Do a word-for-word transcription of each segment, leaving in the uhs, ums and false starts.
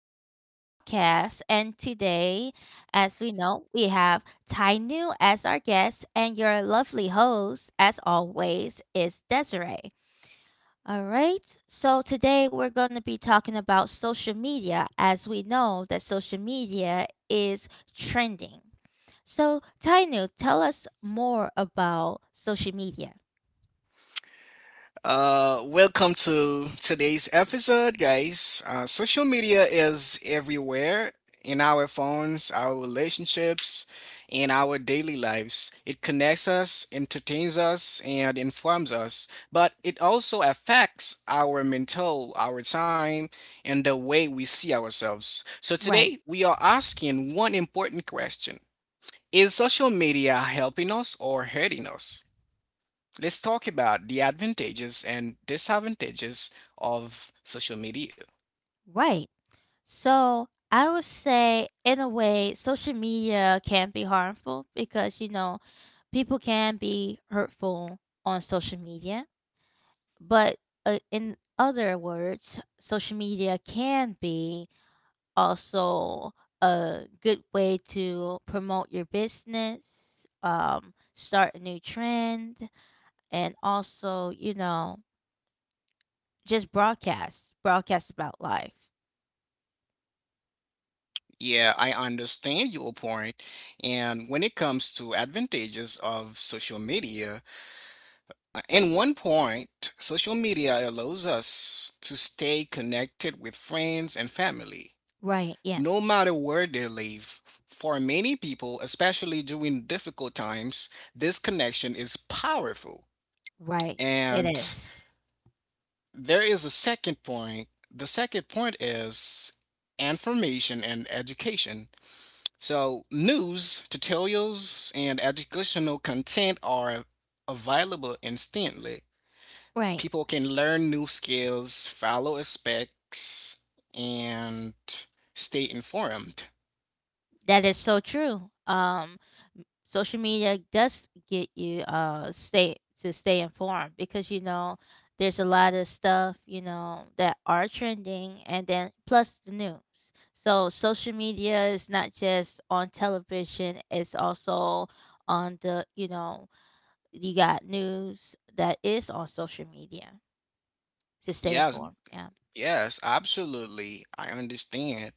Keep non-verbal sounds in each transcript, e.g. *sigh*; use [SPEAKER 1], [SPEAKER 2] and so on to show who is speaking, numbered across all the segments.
[SPEAKER 1] Sunshine Broadcast. And today, as we know, we have Tai Nu as our guest, and your lovely host, as always, is Desiree. All right. So today we're going to be talking about social media, as we know that social media is trending. So, Tai Nu, tell us more about social media.
[SPEAKER 2] Uh, welcome to today's episode, guys. Uh, social media is everywhere in our phones, our relationships, in our daily lives. It connects us, entertains us, and informs us, but it also affects our mental, our time, and the way we see ourselves. So today,
[SPEAKER 1] Right.
[SPEAKER 2] we are asking one important question. Is social media helping us or hurting us? Let's talk about the advantages and disadvantages of social media.
[SPEAKER 1] Right. So I would say, in a way, social media can be harmful because, you know, people can be hurtful on social media. But uh, in other words, social media can be also a good way to promote your business, um, start a new trend, and also, you know, just broadcast, broadcast about life.
[SPEAKER 2] Yeah, I understand your point. And when it comes to advantages of social media, uh, in one point, social media allows us to stay connected with friends and family,
[SPEAKER 1] Right. Yeah.
[SPEAKER 2] no matter where they live. For many people, especially during difficult times, this connection is powerful.
[SPEAKER 1] Right. It
[SPEAKER 2] And
[SPEAKER 1] is.
[SPEAKER 2] there is a second point. The second point is information and education. So, news, tutorials, and educational content are available instantly.
[SPEAKER 1] Right.
[SPEAKER 2] People can learn new skills, follow specs, and stay informed.
[SPEAKER 1] That is so true. Um, social media does get you uh stay to stay informed because, you know, there's a lot of stuff, you know, that are trending, and then plus the news. So social media is not just on television; it's also on the, you know, you got news that is on social media to stay
[SPEAKER 2] Yes,
[SPEAKER 1] informed. Yeah.
[SPEAKER 2] Yes, absolutely. I understand.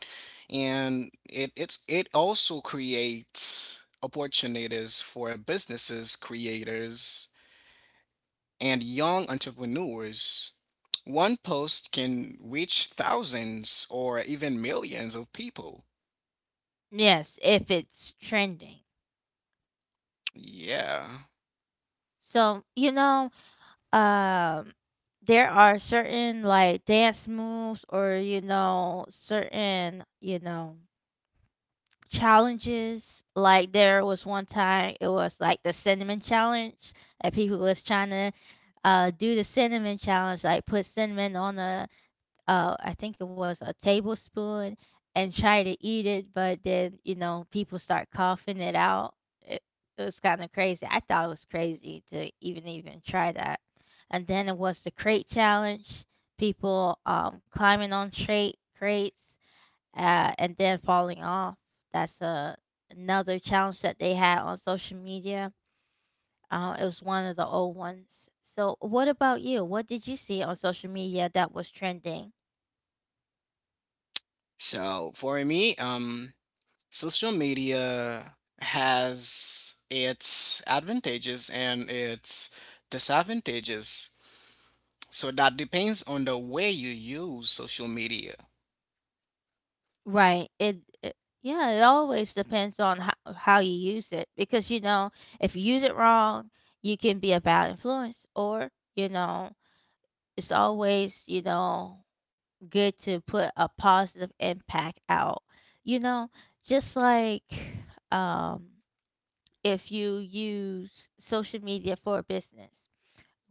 [SPEAKER 2] And it it's it also creates opportunities for businesses, creators, and young entrepreneurs. One post can reach thousands or even millions of people.
[SPEAKER 1] Yes, if it's trending.
[SPEAKER 2] Yeah.
[SPEAKER 1] So, you know, um there are certain like dance moves or, you know, certain, you know, challenges. Like there was one time it was like the cinnamon challenge and people was trying to uh do the cinnamon challenge, like put cinnamon on a uh, I think it was a tablespoon and try to eat it, but then, you know, people start coughing it out. It, it was kind of crazy. I thought it was crazy to even even try that. And then it was the crate challenge, people um, climbing on crate crates uh, and then falling off. That's a, Another challenge that they had on social media. Uh, it was one of the old ones. So, what about you? What did you see on social media that was trending?
[SPEAKER 2] So for me, um, social media has its advantages and its disadvantages. So that depends on the way you use social media.
[SPEAKER 1] Right. It, it Yeah, it always depends on how how you use it because, you know, if you use it wrong, you can be a bad influence, or, you know, it's always, you know, good to put a positive impact out. You know, just like um if you use social media for a business,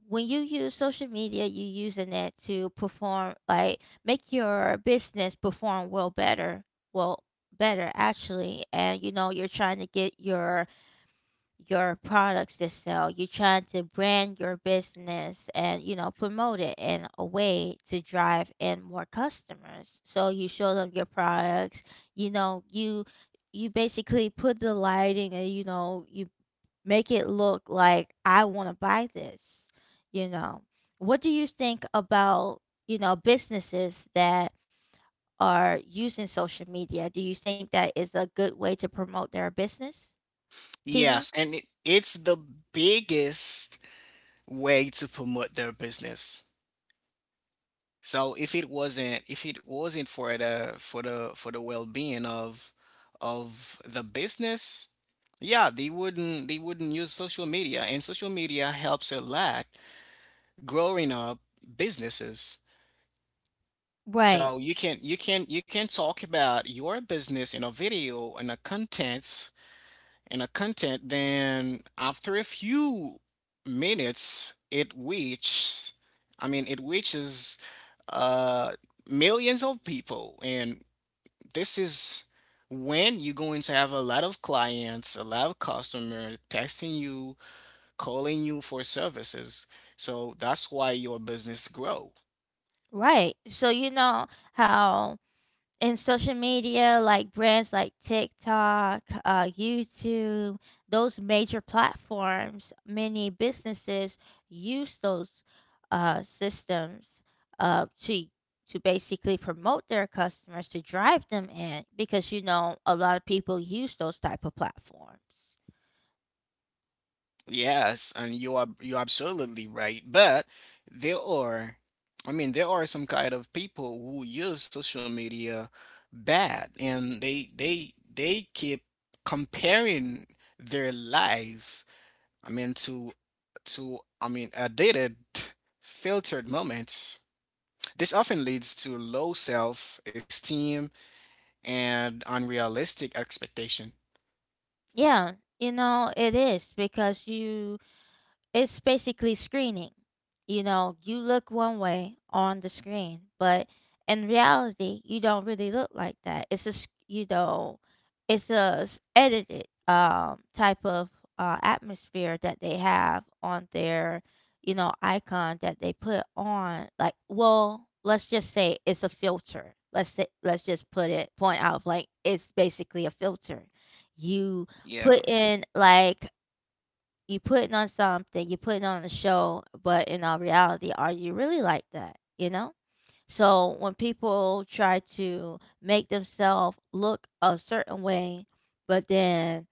[SPEAKER 1] when you use social media, you using that to perform, like make your business perform well better, well better actually. And, you know, you're trying to get your your products to sell. You're trying to brand your business and, you know, promote it in a way to drive in more customers. So you show them your products. You know, you you basically put the lighting, and, you know, you make it look like I wanna buy this, you know? What do you think about, you know, businesses that are using social media? Do you think that is a good way to promote their business, Tina?
[SPEAKER 2] Yes, and it, it's the biggest way to promote their business. So if it wasn't if it wasn't for the for the for the well-being of of the business, yeah, they wouldn't they wouldn't use social media, and social media helps a lot growing up businesses.
[SPEAKER 1] Right,
[SPEAKER 2] So you can you can you can talk about your business in a video and the contents and a content, then after a few minutes, it reaches, I mean, it reaches uh, millions of people. And this is when you're going to have a lot of clients, a lot of customers texting you, calling you for services. So that's why your business grow.
[SPEAKER 1] right. So, you know, how in social media, like brands like TikTok, uh, YouTube, those major platforms, many businesses use those uh, systems uh, to to basically promote their customers to drive them in because, you know, a lot of people use those type of platforms.
[SPEAKER 2] Yes, and you are you're absolutely right. But there are, I mean, there are some kind of people who use social media bad, and they they they keep comparing their life, I mean, to to I mean, a dated filtered moments. This often leads to low self-esteem and unrealistic expectation.
[SPEAKER 1] Yeah, you know it is, because you it's basically screening. You know, you look one way on the screen, but in reality, you don't really look like that. It's a, s- you know, it's a s- edited um, type of uh, atmosphere that they have on their, you know, icon that they put on. Like, well, let's just say it's a filter. Let's say, let's just put it point out like it's basically a filter. You
[SPEAKER 2] Yeah,
[SPEAKER 1] put in like you putting on something, you're putting on a show, but in all reality, are you really like that? You know? So when people try to make themselves look a certain way, but then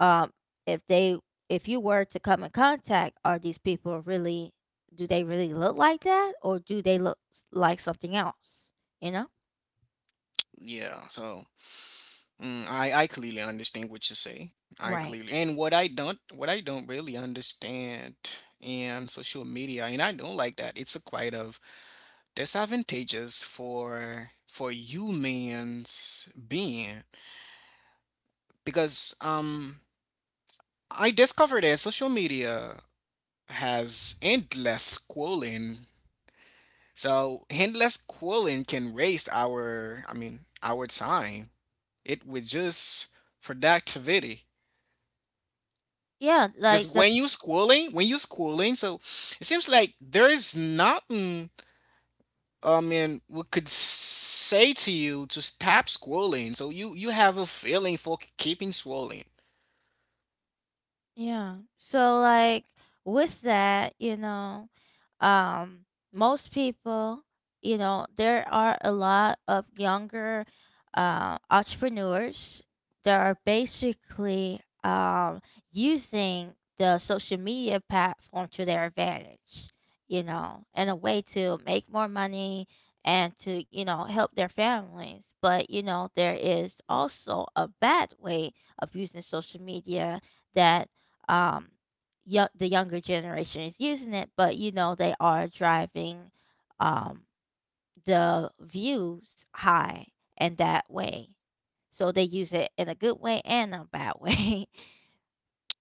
[SPEAKER 1] um if they, if you were to come in contact, are these people really, do they really look like that, or do they look s- like something else? You know?
[SPEAKER 2] yeah. So mm, I I clearly understand what you say. I
[SPEAKER 1] Right.
[SPEAKER 2] clearly and what I don't what I don't really understand in social media, and I don't like that. It's a quite of disadvantageous for for humans being because um I discovered that social media has endless schooling. So endless schooling can waste our, I mean, our time. It would just productivity.
[SPEAKER 1] Yeah,
[SPEAKER 2] Because
[SPEAKER 1] like the
[SPEAKER 2] when you schooling, when you schooling, so it seems like there is nothing, I mean, we could say to you to stop schooling. So you you have a feeling for keeping schooling.
[SPEAKER 1] Yeah. So like with that, you know, um most people, you know, there are a lot of younger uh, entrepreneurs that are basically um using the social media platform to their advantage, you know, in a way to make more money and to, you know, help their families. But, you know, there is also a bad way of using social media that um yo- the younger generation is using it. But, you know, they are driving um the views high, and that way, so they use it in a good way and a bad way.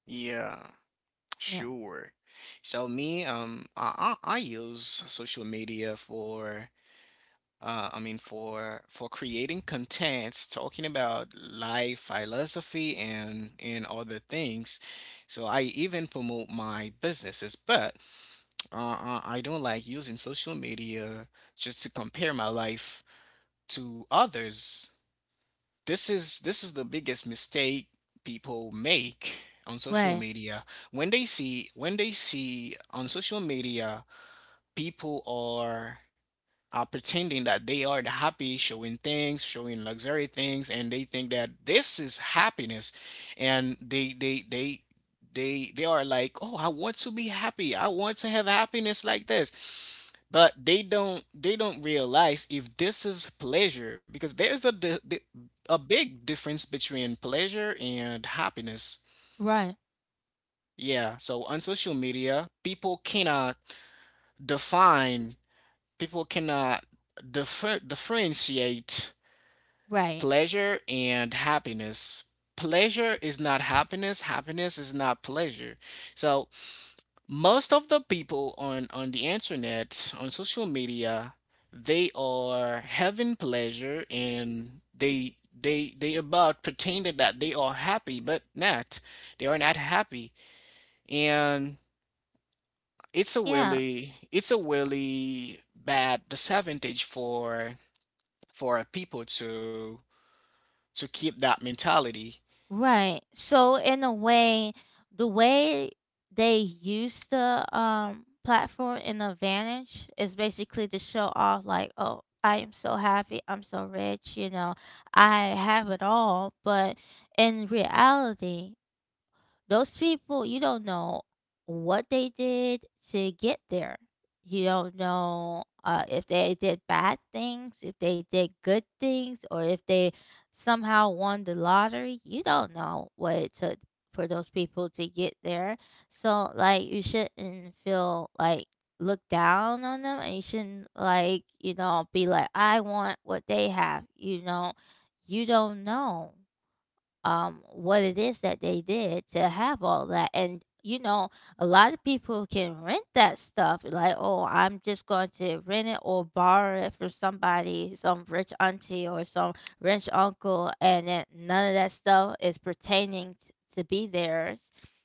[SPEAKER 2] Yeah,
[SPEAKER 1] *laughs* Yeah.
[SPEAKER 2] sure. So me, um, I, I I use social media for uh, I mean, for for creating contents, talking about life philosophy and and other things. So I even promote my businesses, but uh, uh, I don't like using social media just to compare my life to others. This is this is the biggest mistake people make on social
[SPEAKER 1] Right.
[SPEAKER 2] media when they see when they see on social media people are uh, pretending that they are the happy, showing things, showing luxury things, and they think that this is happiness, and they they they they they are like, oh, I want to be happy, I want to have happiness like this, but they don't they don't realize if this is pleasure because there's the, the, the a big difference between pleasure and happiness.
[SPEAKER 1] Right.
[SPEAKER 2] Yeah, so on social media, people cannot define, people cannot differ, differentiate
[SPEAKER 1] Right.
[SPEAKER 2] pleasure and happiness. Pleasure is not happiness, happiness is not pleasure. So, most of the people on on the internet, on social media, they are having pleasure and they they they about pretending that they are happy, but not. They are not happy. And it's a
[SPEAKER 1] Yeah.
[SPEAKER 2] really it's a really bad disadvantage for for people to to keep that mentality.
[SPEAKER 1] Right. So in a way, the way they use the um platform in advantage is basically to show off, like, oh, I am so happy, I'm so rich, you know, I have it all. But in reality, those people, you don't know what they did to get there. You don't know uh, if they did bad things, if they did good things, or if they somehow won the lottery. You don't know what it took for those people to get there. So, like, you shouldn't feel like look down on them, and you shouldn't like, you know, be like I want what they have, you know. You don't know um, what it is that they did to have all that. And, you know, a lot of people can rent that stuff. Like, oh, I'm just going to rent it or borrow it from somebody, some rich auntie or some rich uncle. And then none of that stuff is pertaining t- to be theirs.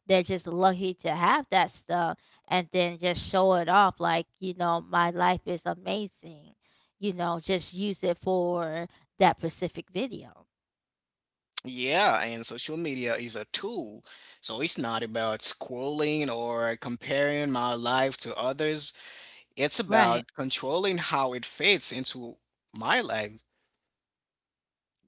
[SPEAKER 1] They're just lucky to have that stuff and then just show it off like, you know, my life is amazing. You know, just use it for that specific video.
[SPEAKER 2] Yeah, and social media is a tool. So it's not about scrolling or comparing my life to others. It's
[SPEAKER 1] Right.
[SPEAKER 2] about controlling how it fits into my life.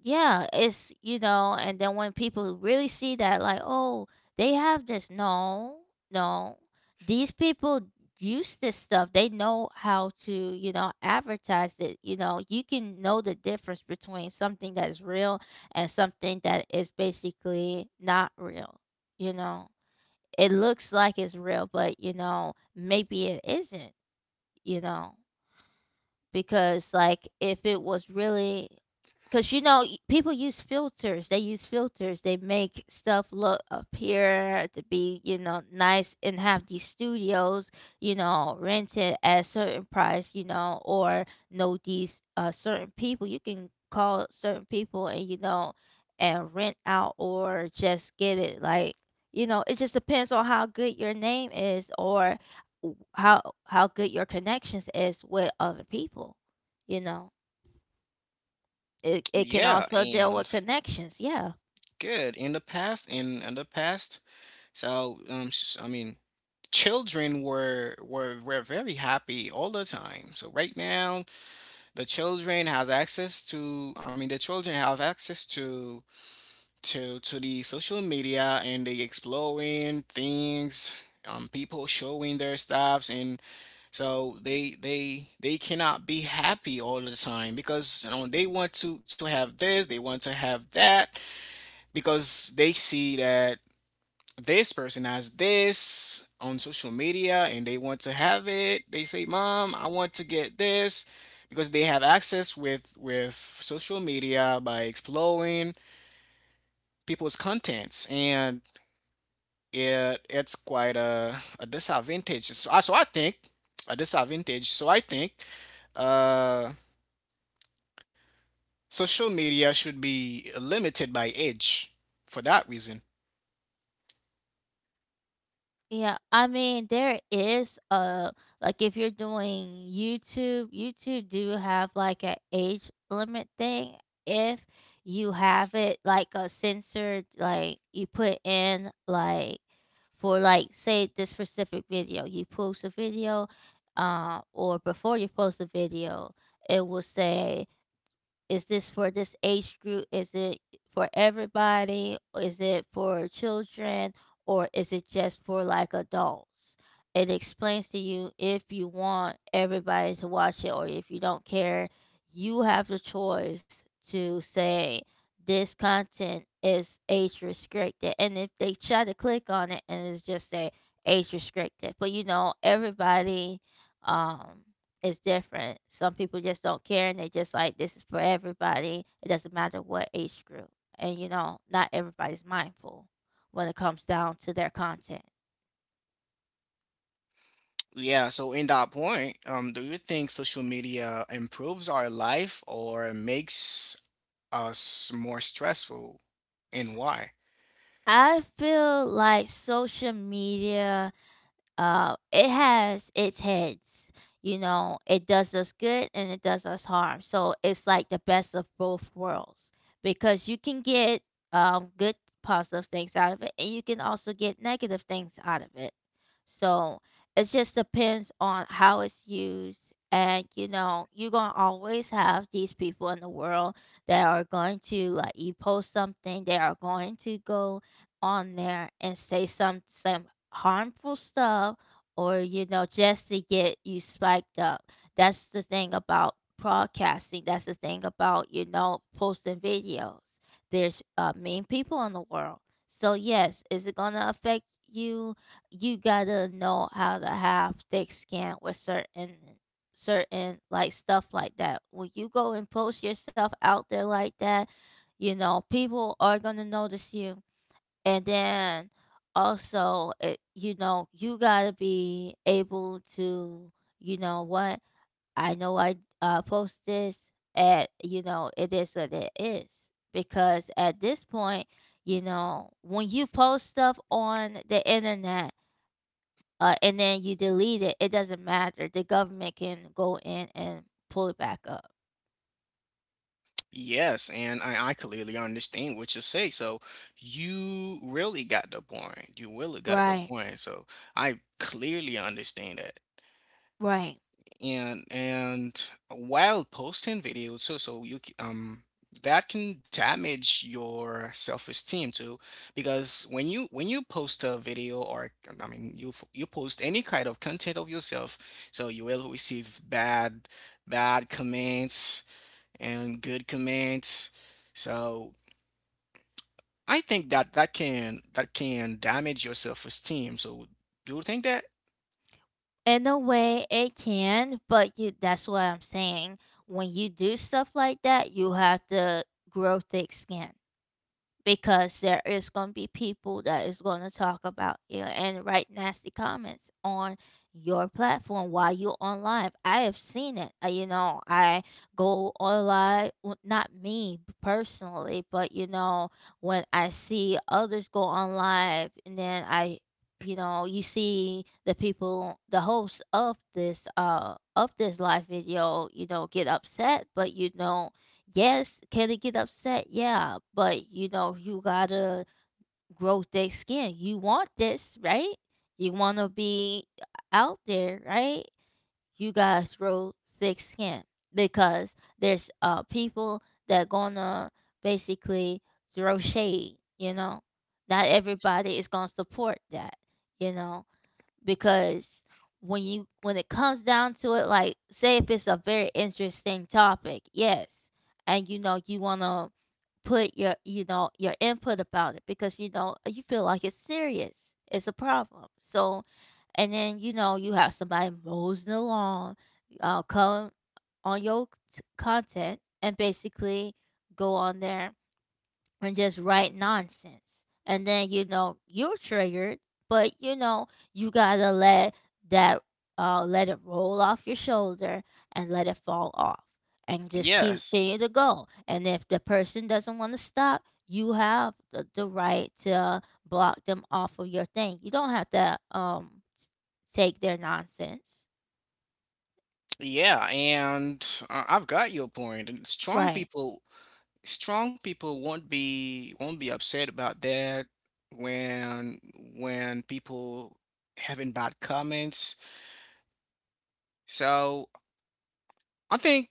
[SPEAKER 1] Yeah, it's, you know, and then when people really see that, like, oh, they have this. No, no, these people use this stuff. They know how to, you know, advertise it. You know, you can know the difference between something that is real and something that is basically not real. You know, it looks like it's real, but, you know, maybe it isn't. You know, because like if it was really, because, you know, y- people use filters, they use filters, they make stuff look appear to be, you know, nice, and have these studios, you know, rented at a certain price, you know, or know these uh, certain people, you can call certain people, and, you know, and rent out or just get it like, you know, it just depends on how good your name is or w- how how good your connections is with other people, you know. it it can
[SPEAKER 2] Yeah,
[SPEAKER 1] also deal
[SPEAKER 2] and
[SPEAKER 1] with connections, yeah.
[SPEAKER 2] good in the past in in the past. So um s- I mean, children were were were very happy all the time. So right now the children has access to I mean, the children have access to to to the social media, and they exploring things, um people showing their stuffs, and so they they they cannot be happy all the time because you know they want to to have this, they want to have that because they see that this person has this on social media, and they want to have it. They say, mom, I want to get this because they have access with with social media by exploring people's contents. And it it's quite a, a disadvantage. So, I- so I think a disadvantage. So I think, uh, social media should be limited by age for that reason.
[SPEAKER 1] Yeah, I mean there is a, like if you're doing youtube YouTube do have like an age limit thing. If you have it like a censored, like you put in like for like say this specific video, you post a video, uh, or before you post the video, it will say, is this for this age group? Is it for everybody? Is it for children? Or is it just for like adults? It explains to you if you want everybody to watch it or if you don't care. You have the choice to say this content is age restricted. And if they try to click on it and it's just say age restricted. But, you know, everybody um is different. Some people just don't care and they just like this is for everybody. It doesn't matter what age group. And, you know, not everybody's mindful when it comes down to their content.
[SPEAKER 2] Yeah, so in that point, um, do you think social media improves our life or makes us more stressful, and why?
[SPEAKER 1] I feel like social media, uh, it has its heads. You know, it does us good and it does us harm. So it's like the best of both worlds, because you can get um, good positive things out of it, and you can also get negative things out of it. So it just depends on how it's used. And, you know, you're gonna always have these people in the world that are going to, like you post something, they are going to go on there and say some some harmful stuff, or, you know, just to get you spiked up. That's the thing about broadcasting, that's the thing about, you know, posting videos. There's uh, mean people in the world. So yes, is it going to affect you? You gotta know how to have thick skin with certain, certain like stuff like that. When you go and post yourself out there like that, you know, people are going to notice you. And then also, it, you know, you got to be able to, you know what? I know I uh, post this at, you know, it is what it is. Because at this point, you know, when you post stuff on the internet, uh, and then you delete it, it doesn't matter. The government can go in and pull it back up.
[SPEAKER 2] Yes, and I, I clearly understand what you say. So you really got the point. You really got the
[SPEAKER 1] Right,
[SPEAKER 2] point. So I clearly understand that.
[SPEAKER 1] right.
[SPEAKER 2] And and while posting videos, so so you c- um that can damage your self-esteem too, because when you when you post a video or I mean, you f- you post any kind of content of yourself, so you will receive bad bad comments and good comments. So I think that that can that can damage your self-esteem. So do you think that?
[SPEAKER 1] In a way, it can, but you that's what I'm saying. When you do stuff like that, you have to grow thick skin because there is going to be people that is going to talk about you and write nasty comments on your platform while you're on live. I have seen it. Uh, You know, I go on live, well, not me personally, but you know, when I see others go on live and then I you know, you see the people, the hosts of this, uh, of this live video, you know, get upset, but you know, yes, can it get upset? Yeah, but you know, you gotta grow thick skin. You want this, right? You wanna be out there, right? You gotta grow thick skin because there's uh people that gonna basically throw shade, you know. Not everybody is gonna support that, you know, because when you when it comes down to it, like, say if it's a very interesting topic, yes, and you know you want to put your, you know, your input about it because you know you feel like it's serious, it's a problem. So and then you know you have somebody moseying along, uh come on your t- content and basically go on there and just write nonsense. And then, you know, you're triggered, but you know, you gotta let that uh let it roll off your shoulder and let it fall off. And just keep
[SPEAKER 2] Yes.
[SPEAKER 1] continue to go. And if the person doesn't want to stop, you have the, the right to block them off of your thing. You don't have to um s- take their nonsense.
[SPEAKER 2] Yeah, and uh, I've got your point. And strong
[SPEAKER 1] Right.
[SPEAKER 2] people, strong people won't be won't be upset about that when when people having bad comments. So I think,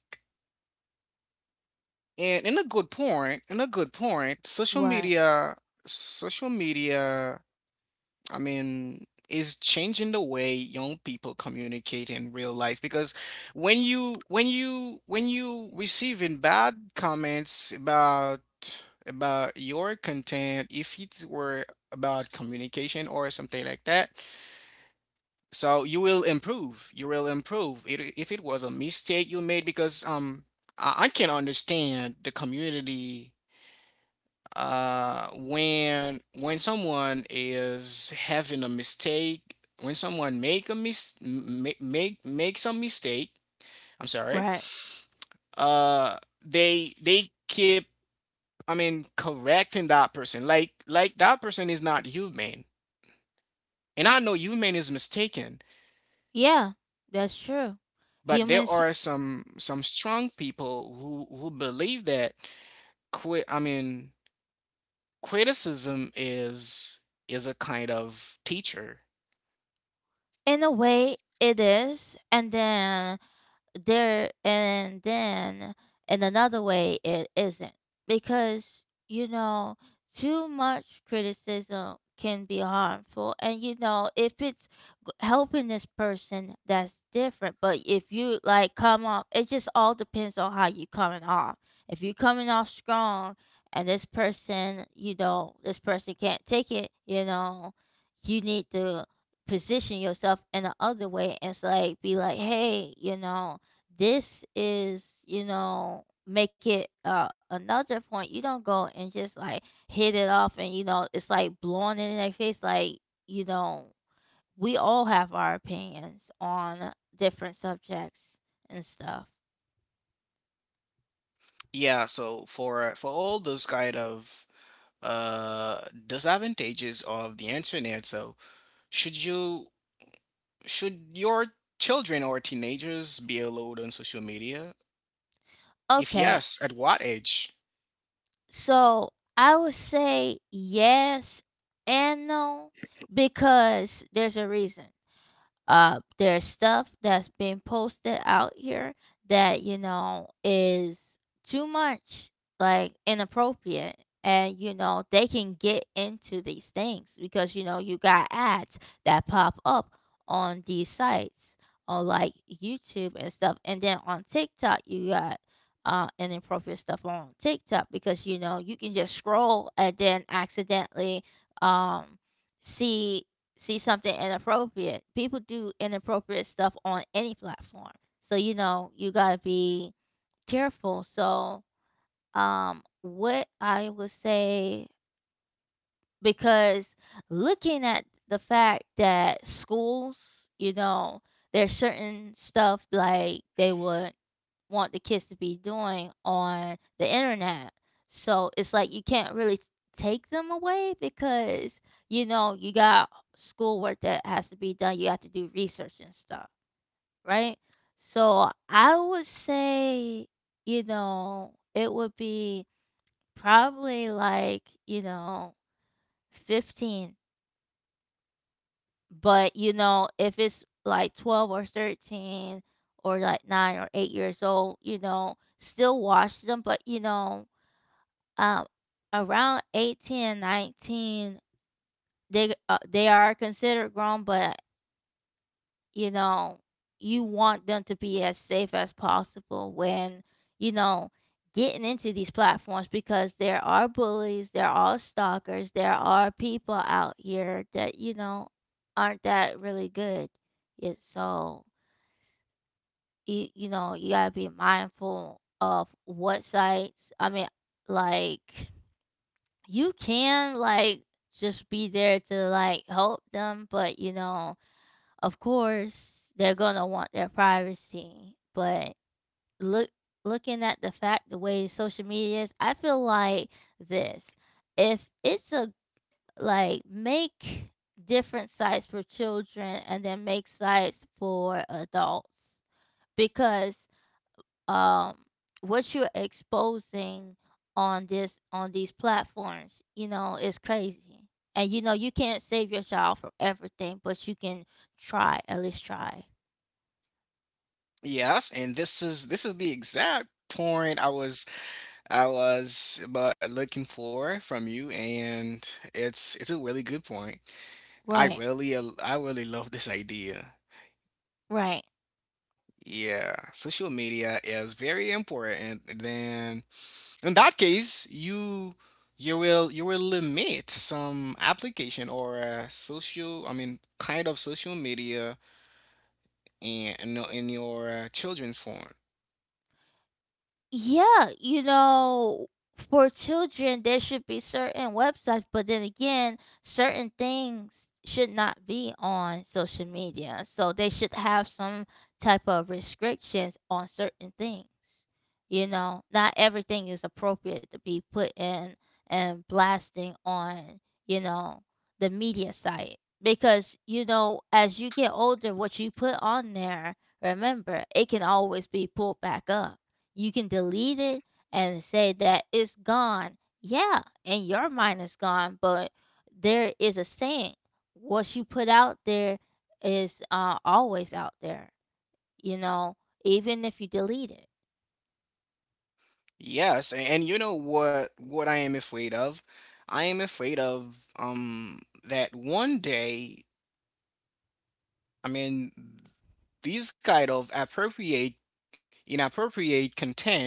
[SPEAKER 2] and in a good point, in a good point, social
[SPEAKER 1] Right.
[SPEAKER 2] media, social media I mean, is changing the way young people communicate in real life because when you when you when you receiving bad comments about about your content, if it were about communication or something like that, so you will improve. You will improve. It, if it was a mistake you made, because um, I, I can understand the community, uh when when someone is having a mistake, when someone make a mis make make make some mistake. I'm sorry.
[SPEAKER 1] Right.
[SPEAKER 2] uh they they keep, I mean, correcting that person like like that person is not human, and I know human is mistaken.
[SPEAKER 1] Yeah, that's true.
[SPEAKER 2] But there
[SPEAKER 1] Humans
[SPEAKER 2] are some some strong people who who believe that qui- I mean, criticism is is a kind of teacher.
[SPEAKER 1] in a way, it is. And then there and then in another way it isn't because you know too much criticism can be harmful, and you know if it's g- helping this person, that's different. But if you like come off, it just all depends on how you coming off. If you coming off strong and this person, you know, this person can't take it, you know, you need to position yourself in the other way and so like be like, hey, you know, this is, you know, make it uh, another point. You don't go and just like hit it off and you know it's like blowing it in their face, like, you know, we all have our opinions on different subjects and stuff.
[SPEAKER 2] Yeah, so for for all those kind of uh disadvantages of the internet, so should you should your children or teenagers be allowed on social media? If
[SPEAKER 1] Okay,
[SPEAKER 2] yes, at what age?
[SPEAKER 1] so I would say yes and no because there's a reason. Uh there's stuff that's been posted out here that you know is too much, like inappropriate, and you know they can get into these things because you know you got ads that pop up on these sites, on like YouTube and stuff, and then on TikTok you got uh, inappropriate stuff on TikTok because you know you can just scroll and then accidentally, um, see see something inappropriate. People do inappropriate stuff on any platform. So, you know, you got to be careful. So, um, what I would say, because looking at the fact that schools, you know, there's certain stuff like they would want the kids to be doing on the internet. So it's like you can't really take them away because, you know, you got schoolwork that has to be done. You have to do research and stuff, right? So I would say, you know, it would be probably like, you know, 15. But, you know, if it's like 12 or 13 or like 9 or 8 years old, you know, still watch them, but, you know, um, around eighteen and nineteen, they uh, they are considered grown. But you know you want them to be as safe as possible when, you know, getting into these platforms, because there are bullies, there are stalkers, there are people out here that, you know, aren't that really good it. So you, you know, you got to be mindful of what sites. I mean, like, you can like just be there to like help them, but you know, of course, they're gonna want their privacy. But look, looking at the fact the way social media is, I feel like this: if it's a like make different sites for children and then make sites for adults because, um what you're exposing on this on these platforms, you know, is crazy. And you know you can't save your child from everything, but you can try, at least try.
[SPEAKER 2] Yes, and this is this is the exact point I was I was but looking for from you, and it's it's a really good point. I
[SPEAKER 1] Right.
[SPEAKER 2] really al- I really love this idea.
[SPEAKER 1] Right.
[SPEAKER 2] Yeah, social media is very important than. In that case, you you will you will limit some application or uh, social, I mean, kind of social media, in in, your- in your uh, children's phone.
[SPEAKER 1] Yeah, you know, for children, there should be certain websites, but then again, certain things should not be on social media. So they should have some type of restrictions on certain things. You know, not everything is appropriate to be put in and blasting on, you know, the media site. Because, you know, as you get older, what you put on there, remember, it can always be pulled back up. You can delete it and say that it's gone. Yeah, in your mind it's gone, but there is a saying: what you put out there is uh, always out there, you know, even if you delete it.
[SPEAKER 2] Yes, and, and, you know what what I am afraid of? I am afraid of um that one day, I mean, these kind of appropriate inappropriate content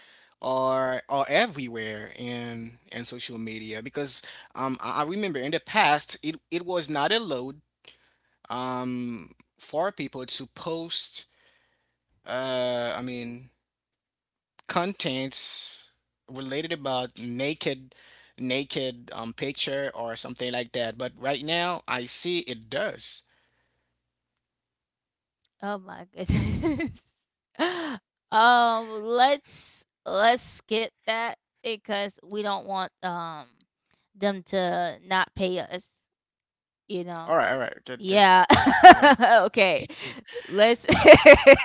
[SPEAKER 2] are are everywhere in in social media because um I, I remember in the past it it was not allowed, um for people to post, uh I mean, contents related about naked naked um picture or something like that, but right now I see it does.
[SPEAKER 1] Oh my goodness. *laughs* um let's let's skip that because we don't want um them to not pay us, you know.
[SPEAKER 2] All right, all right, good, good,
[SPEAKER 1] Yeah.
[SPEAKER 2] good. Yeah,
[SPEAKER 1] *laughs* Okay. Let's *laughs*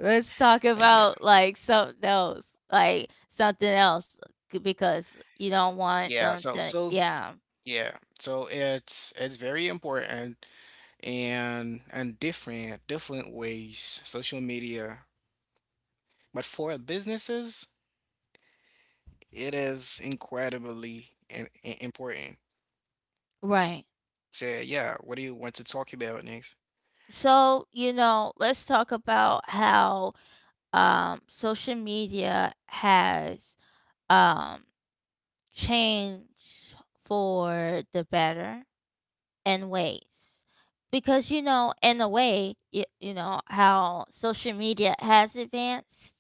[SPEAKER 1] let's talk
[SPEAKER 2] thank you.
[SPEAKER 1] about like something else. Like something else c- because you don't want
[SPEAKER 2] Yeah,
[SPEAKER 1] them
[SPEAKER 2] so
[SPEAKER 1] to,
[SPEAKER 2] so
[SPEAKER 1] yeah.
[SPEAKER 2] yeah, so it's it's very important. And and different different ways social media, but for businesses it is incredibly in, i- important.
[SPEAKER 1] Right.
[SPEAKER 2] So yeah, what do you want to talk about next?
[SPEAKER 1] So, you know, let's talk about how um social media has um changed for the better and ways, because you know in a way you, you know how social media has advanced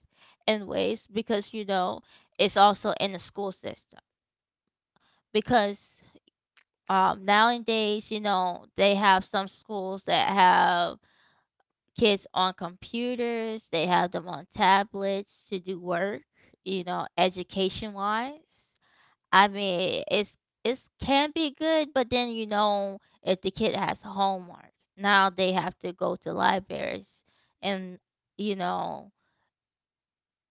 [SPEAKER 1] in ways because you know it's also in the school system because, um, nowadays, you know, they have some schools that have kids on computers, they have them on tablets to do work, you know, education wise. I mean, it's it can be good, but then you know if the kid has homework, now they have to go to libraries, and you know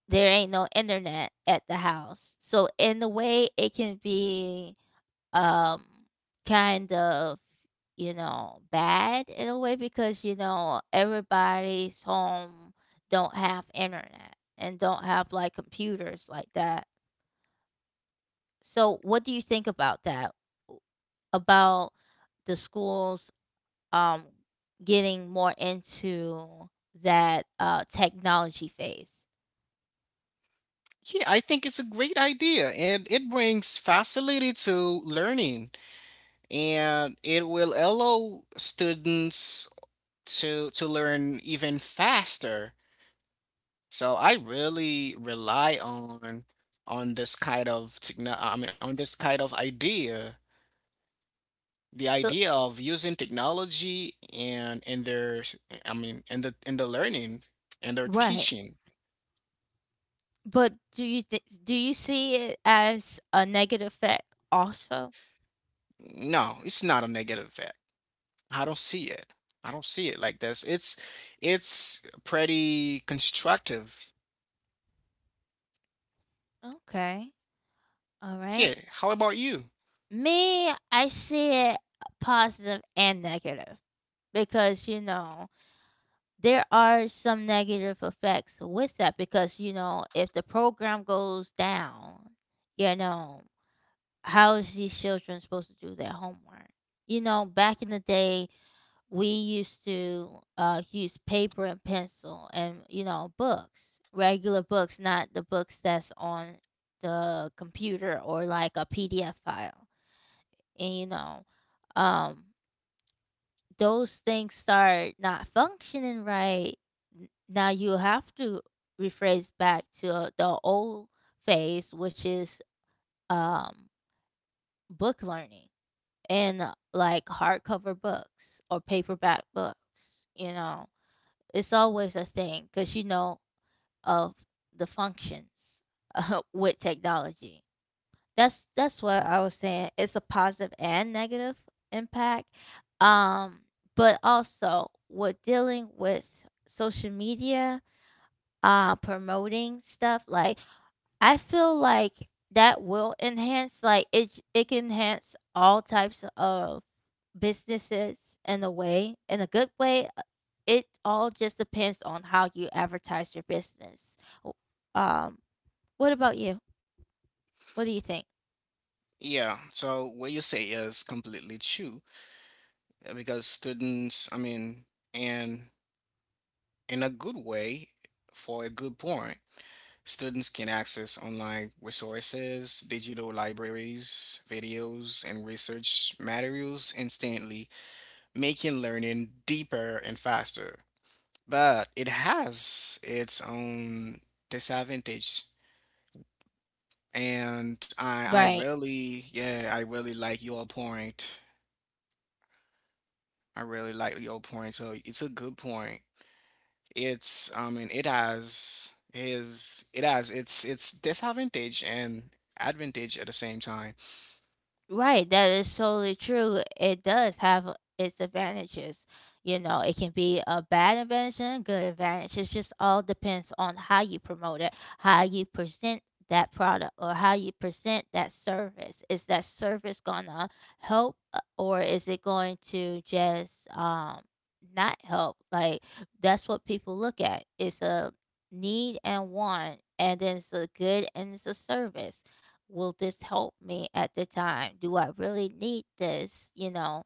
[SPEAKER 1] there ain't no internet at the house. So in a way, it can be um kind of, you know, bad in a way because you know everybody's home don't have internet and don't have like computers like that. So what do you think about that? About the schools um, getting more into that uh, technology phase.
[SPEAKER 2] Yeah, I think it's a great idea, and it brings facility to learning, and it will allow students to to learn even faster. So I really rely on on this kind of techno- I mean, on this kind of idea, the
[SPEAKER 1] But
[SPEAKER 2] idea of using technology and in their s- I mean, in the in the learning and their
[SPEAKER 1] right.
[SPEAKER 2] teaching.
[SPEAKER 1] But do you th- do you see it as a negative effect also?
[SPEAKER 2] No, it's not a negative effect. I don't see it. I don't see it like this. It's it's pretty constructive.
[SPEAKER 1] Okay. All right.
[SPEAKER 2] Yeah, how about you?
[SPEAKER 1] Me, I see it positive and negative because you know there are some negative effects with that because you know if the program goes down, you know how is these children supposed to do their homework? You know, back in the day, we used to uh, use paper and pencil and, you know, books, regular books, not the books that's on the computer or like a P D F file. And, you know, um, those things start not functioning right. n- Now you have to rephrase back to the old phase, which is, um, book learning and uh, like hardcover books or paperback books. You know, it's always a thing because you know of the functions *laughs* with technology. That's that's what I was saying. It's a positive and negative impact, um, but also we're dealing with social media, uh, promoting stuff like I feel like that will enhance, like, it it can enhance all types of businesses in a way, in a good way. Uh, It all just depends on how you advertise your business. W- Um, what about you? What do you think?
[SPEAKER 2] Yeah, so what you say is completely true, uh, because students, I mean, and in a good way, for a good point, students can access online resources, digital libraries, videos, and research materials instantly, making learning deeper and faster. But it has its own disadvantage. And I, I
[SPEAKER 1] Right.
[SPEAKER 2] really, yeah, I really like your point. I really like your point. So it's a good point. It's I mean, it has his it has its its disadvantage and advantage at the same time.
[SPEAKER 1] Right, that is totally true. It does have uh, its advantages. You know, it can be a bad advantage and a good advantage. It just all depends on how you promote it, how you present that product, or how you present that service. Is that service gonna help, uh, or is it going to just um not help? Like that's what people look at. It's a need and want, and then it's a good and it's a service. Will this help me at the time? Do I really need this? You know,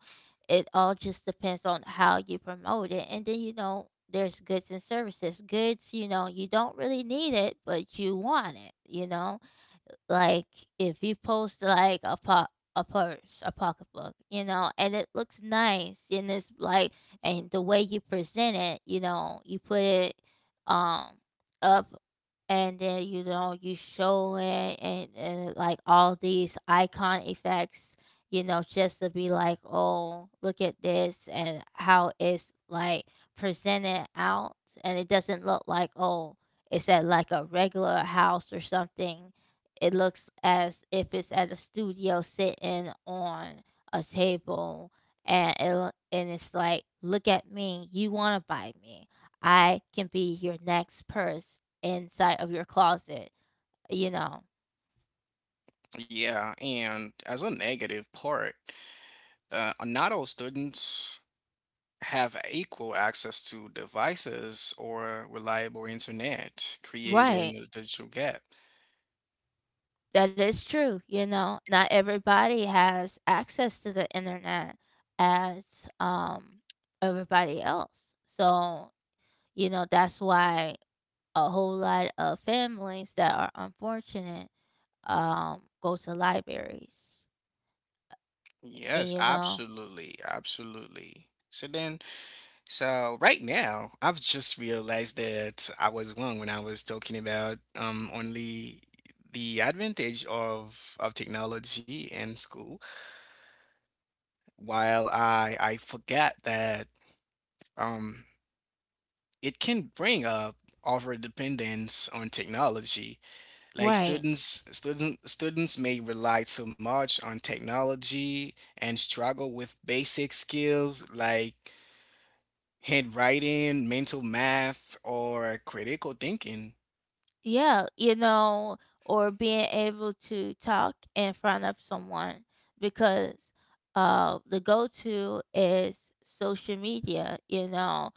[SPEAKER 1] it all just depends on how you promote it. And then, you know, there's goods and services. Goods, you know, you don't really need it, but you want it, you know? Like if you post like a pop a purse, a pocketbook, you know, and it looks nice, and it's like, and the way you present it, you know, you put it, um up, and then you know you show it and, and like all these icon effects, you know, just to be like, oh, look at this, and how it's like presented out, and it doesn't look like, oh, it's at like a regular house or something, it looks as if it's at a studio sitting on a table, and it, lo- and it's like, look at me, you want to buy me, I can be your next person inside of your closet, you know.
[SPEAKER 2] Yeah, and as a negative part, uh, not all students have equal access to devices or reliable internet, creating
[SPEAKER 1] Right.
[SPEAKER 2] a digital gap.
[SPEAKER 1] That is true, you know. Not everybody has access to the internet as um everybody else. So, you know, that's why a whole lot of families that are unfortunate um go to libraries. And
[SPEAKER 2] Yes,
[SPEAKER 1] you know,
[SPEAKER 2] absolutely, absolutely. So then So right now, I've just realized that I was wrong when I was talking about um, only the advantage of of technology in school, while I I forgot that um, it can bring up over dependence on technology. Like
[SPEAKER 1] right.
[SPEAKER 2] students student students may rely too much on technology and struggle with basic skills like handwriting, mental math, or critical thinking.
[SPEAKER 1] Yeah, you know, or being able to talk in front of someone because uh the go to is social media, you know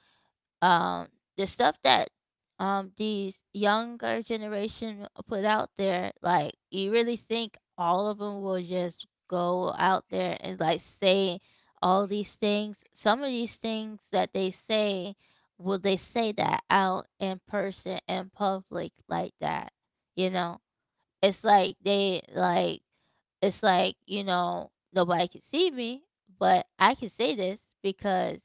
[SPEAKER 1] um the stuff that um these younger generation put out there, like, you really think all of them will just go out there and like say all these things, some of these things that they say, will they say that out in person in public like that? You know, it's like they like, it's like, you know, nobody can see me, but I can say this because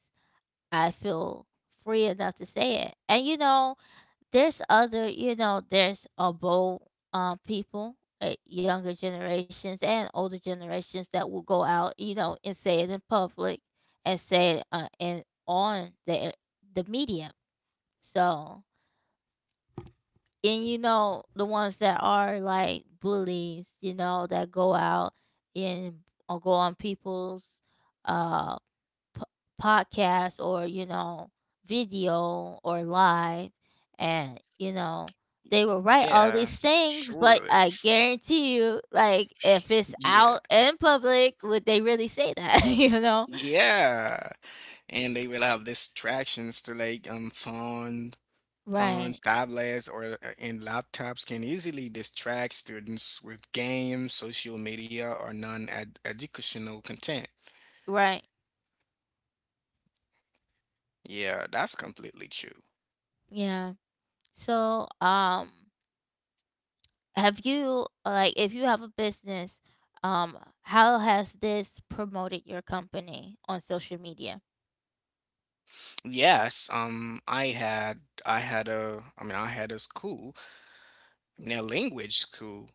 [SPEAKER 1] I feel free enough to say it. And you know, there's other, you know, there's a bold um people, uh, younger generations and older generations that will go out, you know, and say it in public and say it uh, and on the the media. So, and you know, the ones that are like bullies, you know, that go out and or go on people's uh p- podcast or you know video or live and you know they will write all
[SPEAKER 2] Yeah,
[SPEAKER 1] these things, but
[SPEAKER 2] surely.
[SPEAKER 1] I guarantee you, like, if it's
[SPEAKER 2] Yeah,
[SPEAKER 1] out in public, would they really say that? *laughs* You know
[SPEAKER 2] yeah. And they will have distractions to like um phones,
[SPEAKER 1] right.
[SPEAKER 2] phones, tablets, or uh, and laptops can easily distract students with games, social media, or non-educational content.
[SPEAKER 1] Right.
[SPEAKER 2] Yeah, that's completely true.
[SPEAKER 1] Yeah. So um have you, like, if you have a business, um how has this promoted your company on social media?
[SPEAKER 2] Yes, um, I had I had a I mean I had a school, I mean, a language school.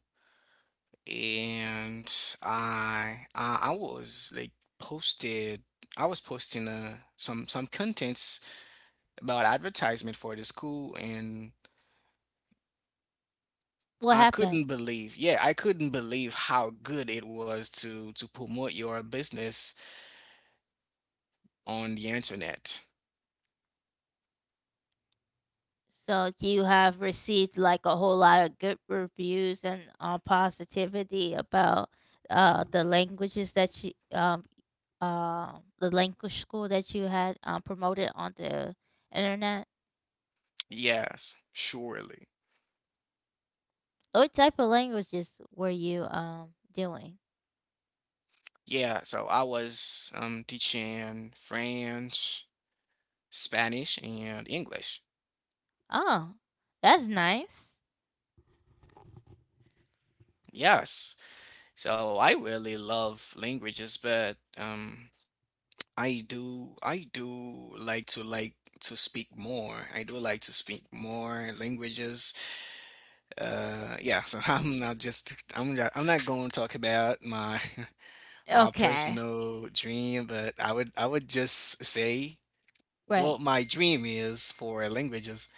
[SPEAKER 2] And I I, I was like posted I was posting uh some some contents about advertisement for the school. And
[SPEAKER 1] What
[SPEAKER 2] I
[SPEAKER 1] happened?
[SPEAKER 2] couldn't believe yeah I couldn't believe how good it was to to promote your business on the internet.
[SPEAKER 1] So you have received like a whole lot of good reviews and, uh, positivity about uh, the languages that you um uh, the language school that you had um, promoted on the internet.
[SPEAKER 2] Yes, surely.
[SPEAKER 1] What type of languages were you um doing?
[SPEAKER 2] Yeah, so I was um teaching French, Spanish, and English.
[SPEAKER 1] Oh, that's nice.
[SPEAKER 2] Yes, so I really love languages, but um I do I do like to like to speak more. I do like to speak more languages. Uh yeah, so *laughs* I'm not just I'm not, I'm not going to talk about my *laughs* my
[SPEAKER 1] Okay,
[SPEAKER 2] personal dream, but I would I would just say
[SPEAKER 1] right.
[SPEAKER 2] what my dream is for languages.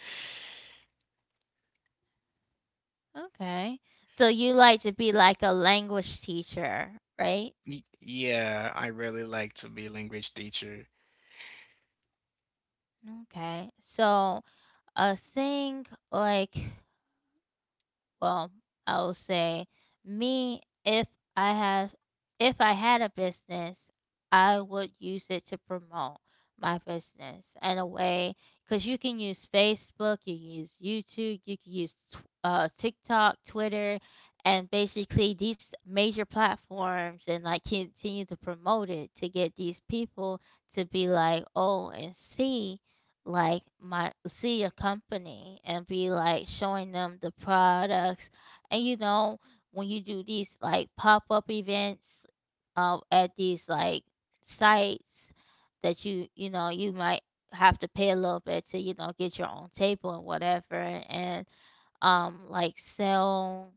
[SPEAKER 1] Okay, so you like to be like a language teacher, right?
[SPEAKER 2] Y- Yeah, I really like to be language teacher.
[SPEAKER 1] Okay, so a thing like, well, I will say me, if I have, if I had a business, I would use it to promote my business in a way, because you can use Facebook, you can use YouTube, you can use tw- uh, TikTok, Twitter, and basically these major platforms, and like continue to promote it to get these people to be like, oh, and see like my, see a company and be like showing them the products. And you know, when you do these like pop-up events, uh, at these like sites that you you know, you might have to pay a little bit to, you know, get your own table and whatever, and um like sell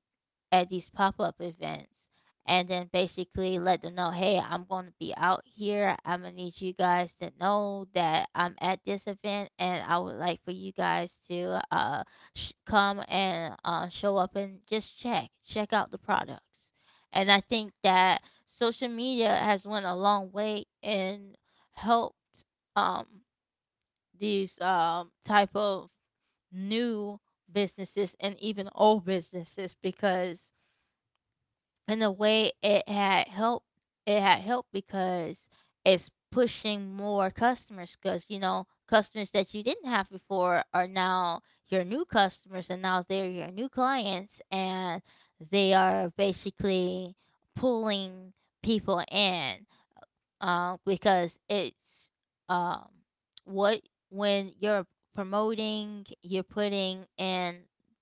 [SPEAKER 1] at these pop-up events, and then basically let them know, hey, I'm going to be out here. I'm going to need you guys to know that I'm at this event, and I would like for you guys to uh, sh- come and uh, show up and just check, check out the products. And I think that social media has went a long way and helped um, these um, type of new businesses and even old businesses, because in a way it had helped, it had helped because it's pushing more customers, because you know, customers that you didn't have before are now your new customers, and now they're your new clients, and they are basically pulling people in, um, because it's, um, what when you're promoting, you're putting in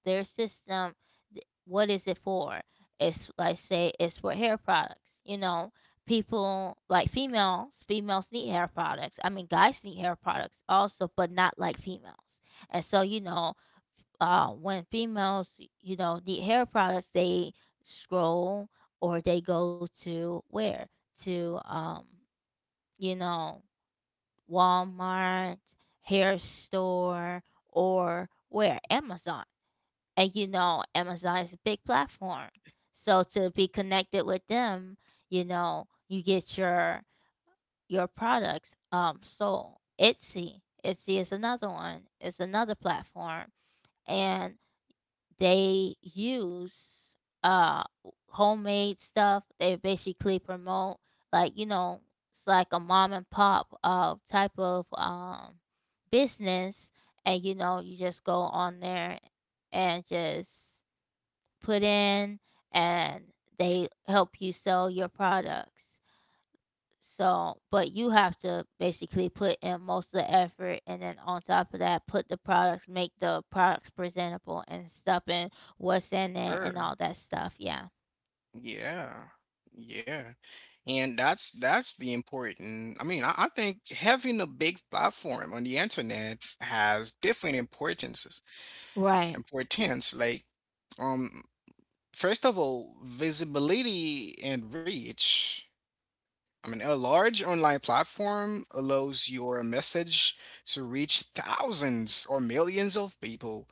[SPEAKER 1] their system. th- What is it for? It's like, say it's for hair products. You know, people like females. Females need hair products. I mean, guys need hair products also, but not like females. And so you know, uh, when females, you know, need hair products, they scroll or they go to where, to um you know, Walmart, hair store, or where? Amazon. And you know, Amazon is a big platform. So to be connected with them, you know, you get your your products um sold. Etsy. Etsy is another one. It's another platform. And they use uh homemade stuff. They basically promote, like, you know, it's like a mom and pop uh type of um business, and you know, you just go on there and just put in, and they help you sell your products. So, but you have to basically put in most of the effort, and then on top of that, put the products, make the products presentable, and stuff in what's in it and all
[SPEAKER 2] Sure.
[SPEAKER 1] that stuff. Yeah.
[SPEAKER 2] Yeah. Yeah. And that's that's the important. I mean, I, I think having a big platform on the internet has different importances,
[SPEAKER 1] Right.
[SPEAKER 2] importance. Like, um, first of all, visibility and reach. I mean, a large online platform allows your message to reach thousands or millions of people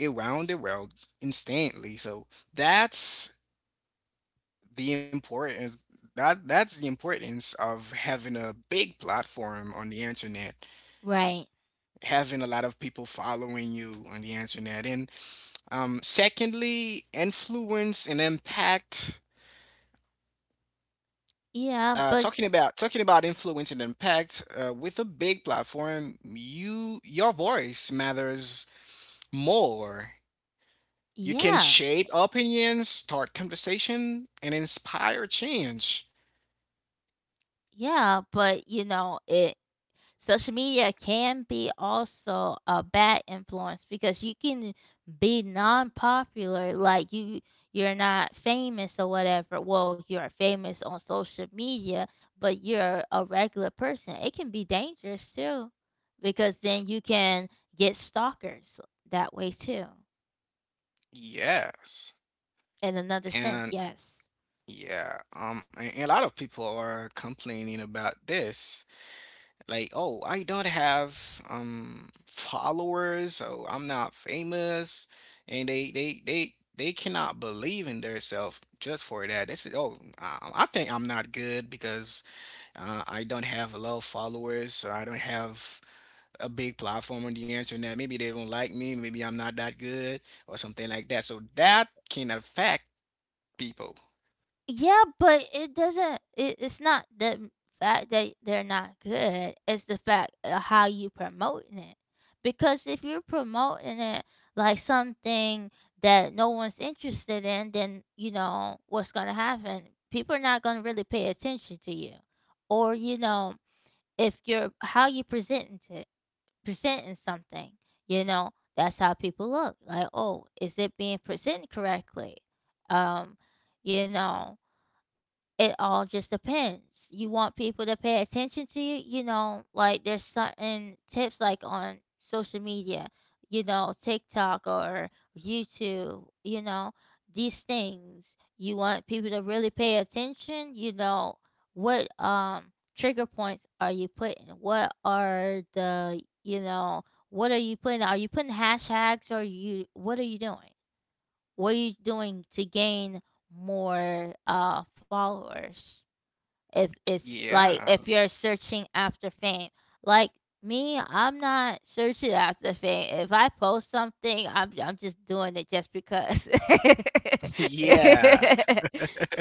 [SPEAKER 2] around the world instantly. So that's the importance that that's the importance of having a big platform on the internet,
[SPEAKER 1] Right.
[SPEAKER 2] having a lot of people following you on the internet. And um secondly, influence and impact.
[SPEAKER 1] Yeah,
[SPEAKER 2] uh,
[SPEAKER 1] but
[SPEAKER 2] talking about talking about influence and impact. uh, with a big platform, you your voice matters more. You can
[SPEAKER 1] yeah,
[SPEAKER 2] shape opinions, start conversation, and inspire change.
[SPEAKER 1] yeah, but you know, it, social media can be also a bad influence because you can be non-popular, like you you're not famous or whatever. Well, you're famous on social media, but you're a regular person. It can be dangerous too, because then you can get stalkers that way too.
[SPEAKER 2] Yes.
[SPEAKER 1] In another sense,
[SPEAKER 2] And
[SPEAKER 1] yes.
[SPEAKER 2] yeah, um, and, and a lot of people are complaining about this. Like, oh, I don't have um followers, so I'm not famous, and they they they they cannot believe in themselves just for that. They said, oh, I, I think I'm not good because uh, I don't have a lot of followers, so I don't have a big platform on the internet. Maybe they don't like me, maybe I'm not that good, or something like that. So that can affect people.
[SPEAKER 1] Yeah, but it doesn't it, it's not the m- fact that they're not good, it's the fact of how you promoting it. Because if you're promoting it like something that no one's interested in, then you know what's gonna happen. People are not gonna really pay attention to you. Or, you know, if you're how you presenting it, presenting something, you know, that's how people look. Like, oh, is it being presented correctly? Um, you know, it all just depends. You want people to pay attention to you, you know, like there's certain tips, like on social media, you know, TikTok or YouTube, you know, these things. You want people to really pay attention, you know, what um trigger points are you putting? What are the, you know, what are you putting? Are you putting hashtags, or you, what are you doing? What are you doing to gain more uh followers, if it's like
[SPEAKER 2] Yeah.
[SPEAKER 1] if you're searching after fame, like me, I'm not searching after fame. If I post something, i'm, I'm just doing it just because
[SPEAKER 2] Yeah.
[SPEAKER 1] *laughs*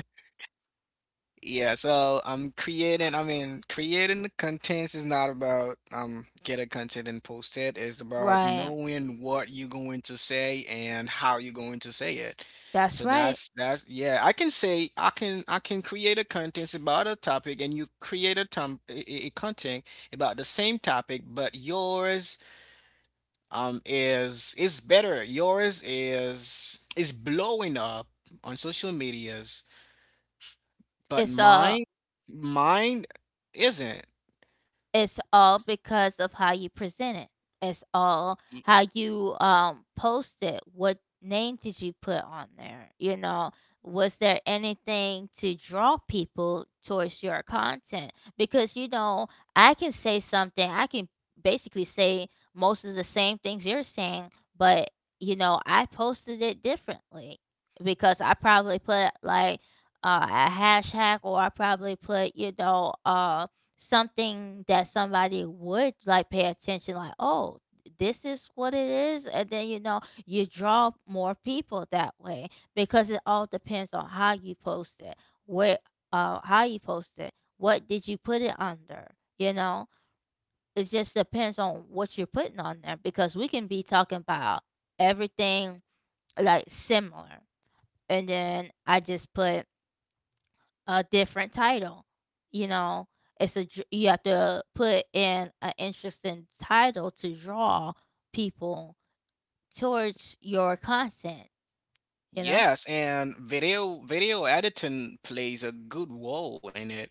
[SPEAKER 2] Yeah. So I'm creating, I mean, creating the contents is not about um get a content and post it. It's about
[SPEAKER 1] right,
[SPEAKER 2] knowing what you're going to say and how you're going to say it.
[SPEAKER 1] that's
[SPEAKER 2] So
[SPEAKER 1] right.
[SPEAKER 2] that's that's yeah, I can say I can I can create a contents about a topic. And you create a tom a, a content about the same topic, but yours um is is better. Yours is is blowing up on social medias. But
[SPEAKER 1] it's uh
[SPEAKER 2] mine, mine isn't.
[SPEAKER 1] It's all because of how you present it. It's all
[SPEAKER 2] Y-
[SPEAKER 1] how you um post it. What name did you put on there? You know, was there anything to draw people towards your content? Because you know, I can say something. I can basically say most of the same things you're saying, but you know, I posted it differently because I probably put like uh, a hashtag, or I probably put, you know, uh something that somebody would like pay attention, like, oh, this is what it is, and then you know, you draw more people that way, because it all depends on how you post it, where, uh how you post it, what did you put it under, you know. It just depends on what you're putting on there, because we can be talking about everything, like similar, and then I just put a different title. You know, it's a dr- you have to put in an interesting title to draw people towards your content. You know
[SPEAKER 2] Yes, and video video editing plays a good role in it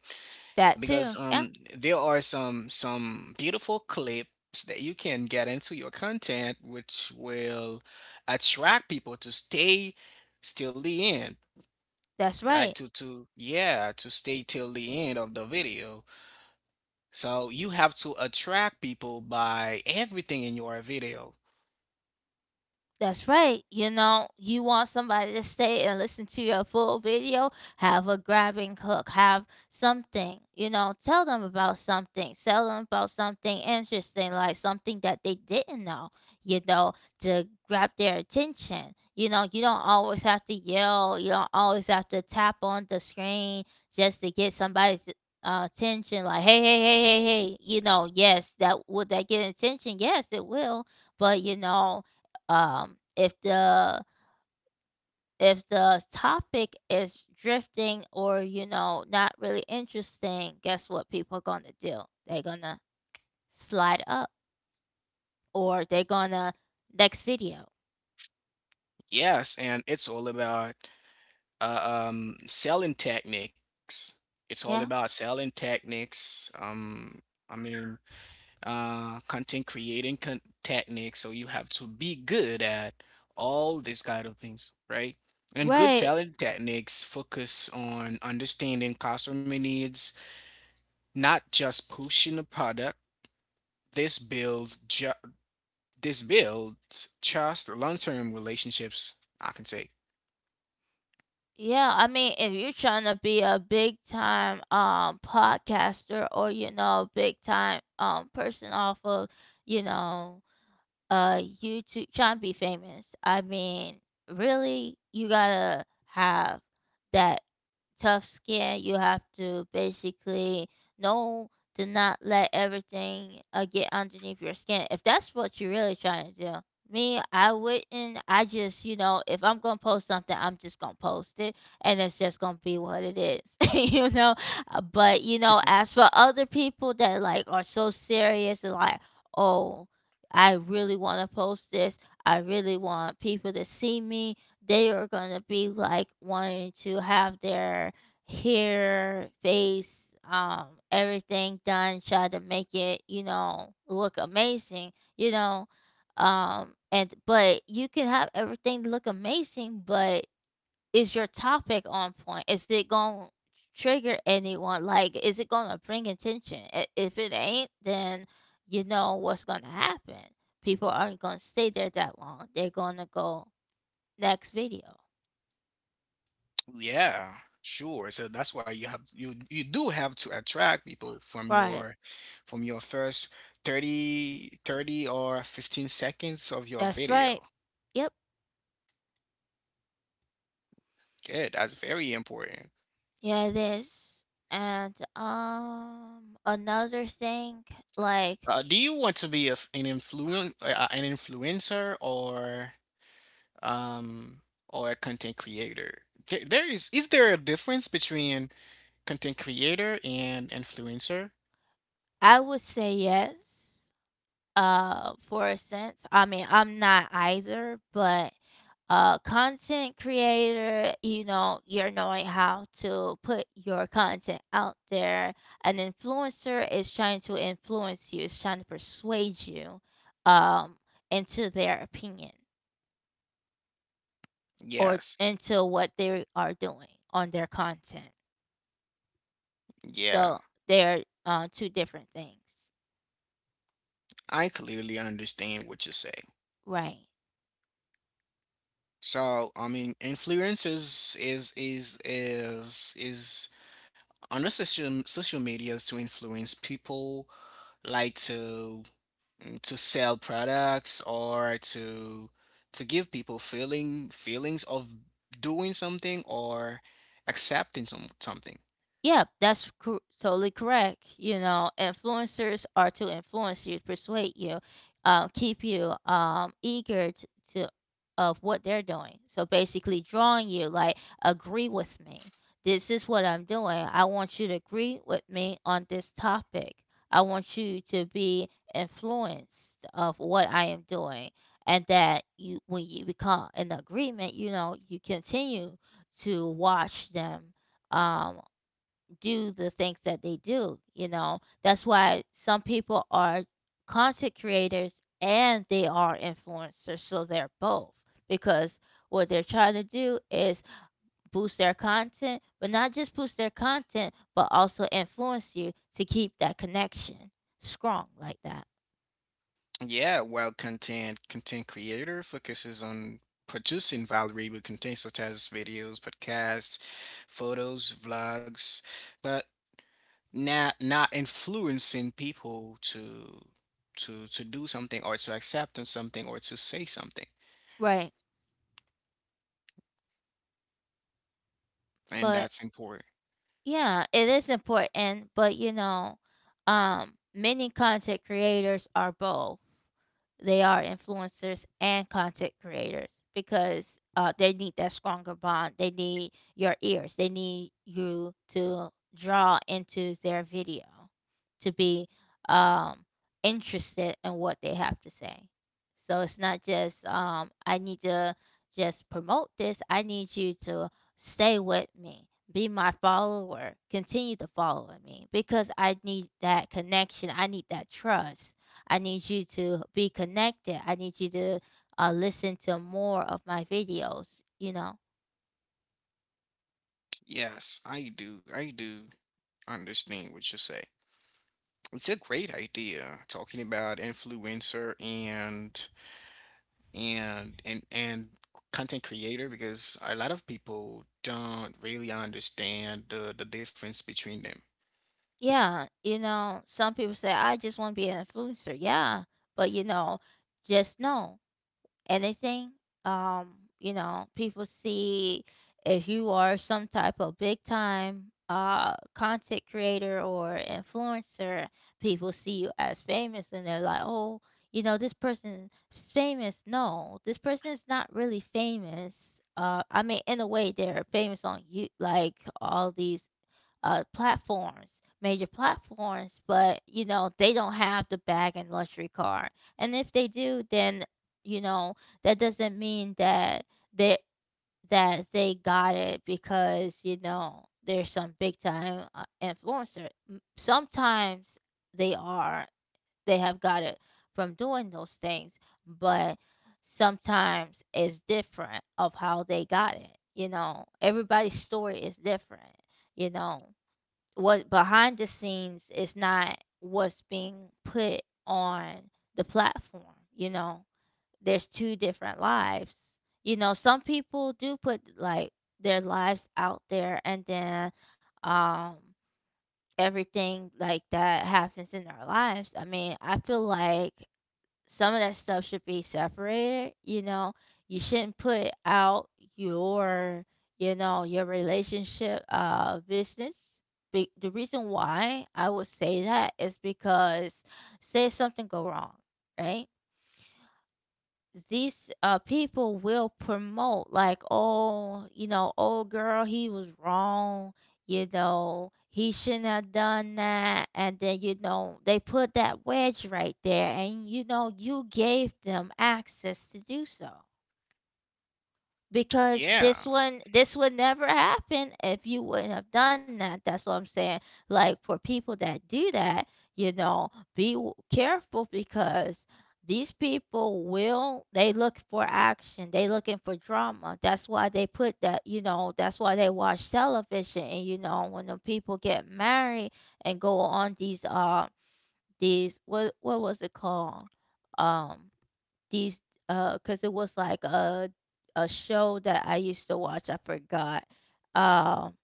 [SPEAKER 1] that
[SPEAKER 2] because
[SPEAKER 1] too. Yeah,
[SPEAKER 2] um there are some some beautiful clips that you can get into your content, which will attract people to stay till the end,
[SPEAKER 1] that's
[SPEAKER 2] right?
[SPEAKER 1] right.
[SPEAKER 2] To to yeah, to stay till the end of the video. So you have to attract people by everything in your video.
[SPEAKER 1] That's right. You know, you want somebody to stay and listen to your full video, have a grabbing hook, have something, you know, tell them about something, tell them about something interesting, like something that they didn't know, you know, to grab their attention. You know, you don't always have to yell, you don't always have to tap on the screen just to get somebody's uh, attention, like, hey, hey, hey, hey, hey. You know, yes, that would, that get attention? Yes, it will. But, you know, um if the, if the topic is drifting, or you know, not really interesting, guess what people are gonna do. They're gonna slide up, or they're gonna next video.
[SPEAKER 2] Yes, and it's all about uh, um, selling techniques. It's all
[SPEAKER 1] Yeah,
[SPEAKER 2] about selling techniques. Um, I mean, uh, content creating con techniques. So you have to be good at all these kind of things, right? And good
[SPEAKER 1] right.
[SPEAKER 2] selling techniques focus on understanding customer needs, not just pushing a product. This builds ju This builds trust, long-term relationships, I can say.
[SPEAKER 1] Yeah, I mean, if you're trying to be a big time um podcaster, or you know, big time um person off of, you know, uh YouTube, trying to be famous. I mean, really, you gotta have that tough skin. You have to basically know to not let everything uh, get underneath your skin, if that's what you're really trying to do. Me, I wouldn't. I just, you know, if I'm gonna post something, I'm just gonna post it, and it's just gonna be what it is, *laughs* you know. Uh, But you know, as for other people that like are so serious, and like, oh, I really want to post this. I really want people to see me. They are going to be like wanting to have their hair, face, um, everything done, try to make it, you know, look amazing, you know. Um, and but you can have everything look amazing, but is your topic on point? Is it going to trigger anyone? Like, is it going to bring attention? I- If it ain't, then you know what's going to happen. People aren't going to stay there that long. They're going to go next video.
[SPEAKER 2] Yeah, sure. So that's why you have you you do have to attract people from
[SPEAKER 1] Right.
[SPEAKER 2] your from your first thirty thirty or fifteen seconds of your
[SPEAKER 1] That's right.
[SPEAKER 2] video.
[SPEAKER 1] Yep.
[SPEAKER 2] Good. That's very important.
[SPEAKER 1] Yeah, it is. And um another thing, like,
[SPEAKER 2] Uh, do you want to be a f an influen uh, uh, an influencer or um or a content creator? There, there is is there a difference between content creator and influencer?
[SPEAKER 1] I would say yes. Uh, for a sense. I mean, I'm not either, but uh content creator, you know, you're knowing how to put your content out there. An influencer is trying to influence you, is trying to persuade you, um into their opinion or
[SPEAKER 2] Yes.
[SPEAKER 1] into what they are doing on their content.
[SPEAKER 2] Yeah.
[SPEAKER 1] So they're uh, two different things,
[SPEAKER 2] I clearly understand what you say.
[SPEAKER 1] right.
[SPEAKER 2] So, I mean, influencers is is is is is on the social social medias to influence people, like to to sell products, or to to give people feeling feelings of doing something or accepting some something.
[SPEAKER 1] Yep, that's cor- totally correct. You know, influencers are to influence you, persuade you, uh, keep you um, eager to, to of what they're doing. So basically, drawing you like agree with me. This is what I'm doing. I want you to agree with me on this topic. I want you to be influenced of what I am doing, and that you, when you become in agreement, you know, you continue to watch them. Um, do the things that they do, you know. That's why some people are content creators and they are influencers, so they're both, because what they're trying to do is boost their content, but not just boost their content, but also influence you to keep that connection strong like that.
[SPEAKER 2] Yeah, while content content creator focuses on producing valuable content such as videos, podcasts, photos, vlogs, but not not influencing people to to to do something, or to accept on something, or to say something.
[SPEAKER 1] Right.
[SPEAKER 2] And
[SPEAKER 1] But
[SPEAKER 2] that's important.
[SPEAKER 1] yeah, it is important, but you know, um many content creators are both. They are influencers and content creators because uh, they need that stronger bond. They need your ears. They need you to draw into their video, to be um, interested in what they have to say. So it's not just um, I need to just promote this. I need you to stay with me, be my follower, continue to follow me because I need that connection. I need that trust. I need you to be connected. I need you to uh, listen to more of my videos, you know.
[SPEAKER 2] Yes, I do. I do understand what you say. It's a great idea talking about influencer and and and and content creator because a lot of people don't really understand the the difference between them.
[SPEAKER 1] Yeah, you know, some people say, I just want to be an influencer. Yeah, but you know, just know anything. Um, you know, people see, if you are some type of big time uh content creator or influencer, people see you as famous and they're like, "Oh, you know, this person is famous." No, this person is not really famous. Uh, I mean, in a way, they're famous on you, like all these uh, platforms, major platforms, but you know they don't have the bag and luxury car. And if they do, then you know that doesn't mean that they, that they got it because, you know, there's some big time uh, influencer. M- Sometimes they are, they have got it from doing those things, but sometimes it's different of how they got it. You know, everybody's story is different. You know, what behind the scenes is not what's being put on the platform, you know. There's two different lives, you know. Some people do put like their lives out there and then um everything like that happens in our lives. I mean, I feel like some of that stuff should be separated, you know. You shouldn't put out your, you know, your relationship uh business. Be- the reason why I would say that is because, say if something go wrong, right? These uh people will promote like, oh, you know, old girl, he was wrong, you know, he shouldn't have done that. And then, you know, they put that wedge right there, and you know you gave them access to do so, because this
[SPEAKER 2] Yeah,
[SPEAKER 1] one, this would never happen if you wouldn't have done that. That's what I'm saying. Like, for people that do that, you know, be w- careful, because these people will, they look for action, they looking for drama. That's why they put that, you know, that's why they watch television. And you know, when the people get married and go on these uh these, what what was it called, um. These uh, because it was like a a show that I used to watch, I forgot. Um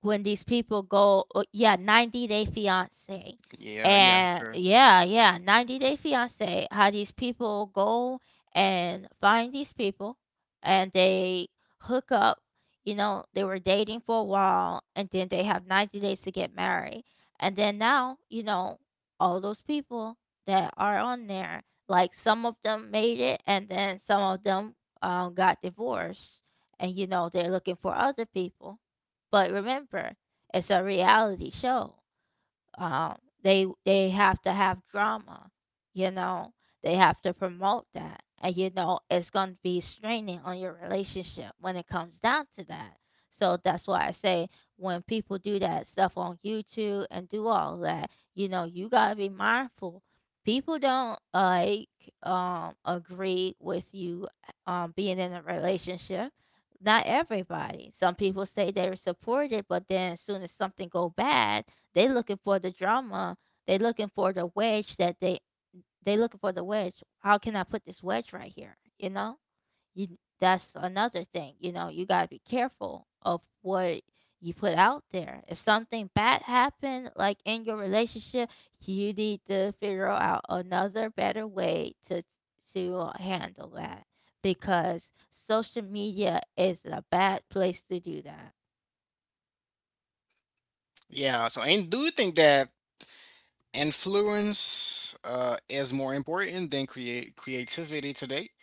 [SPEAKER 1] when these people go, uh, yeah, ninety Day Fiance.
[SPEAKER 2] yeah, yeah,
[SPEAKER 1] And
[SPEAKER 2] sure.
[SPEAKER 1] yeah, yeah, ninety Day Fiance, how these people go and find these people and they hook up. You know, they were dating for a while and then they have ninety days to get married. And then now, you know, all those people that are on there, like some of them made it and then some of them um, got divorced. And, you know, they're looking for other people, but remember, it's a reality show. uh, they they have to have drama, you know. They have to promote that, and you know it's going to be straining on your relationship when it comes down to that. So that's why I say, when people do that stuff on YouTube and do all that, you know, you got to be mindful. People don't like um agree with you um being in a relationship, not everybody. Some people say they're supported, but then as soon as something go bad, they looking for the drama. They looking for the wedge that they they looking for the wedge. How can I put this wedge right here? You know, you, that's another thing. You know, you gotta be careful of what you put out there. If something bad happened, like in your relationship, you need to figure out another better way to to handle that, because social media is a bad place to do that.
[SPEAKER 2] Yeah, so and do you think that influence uh is more important than create creativity today?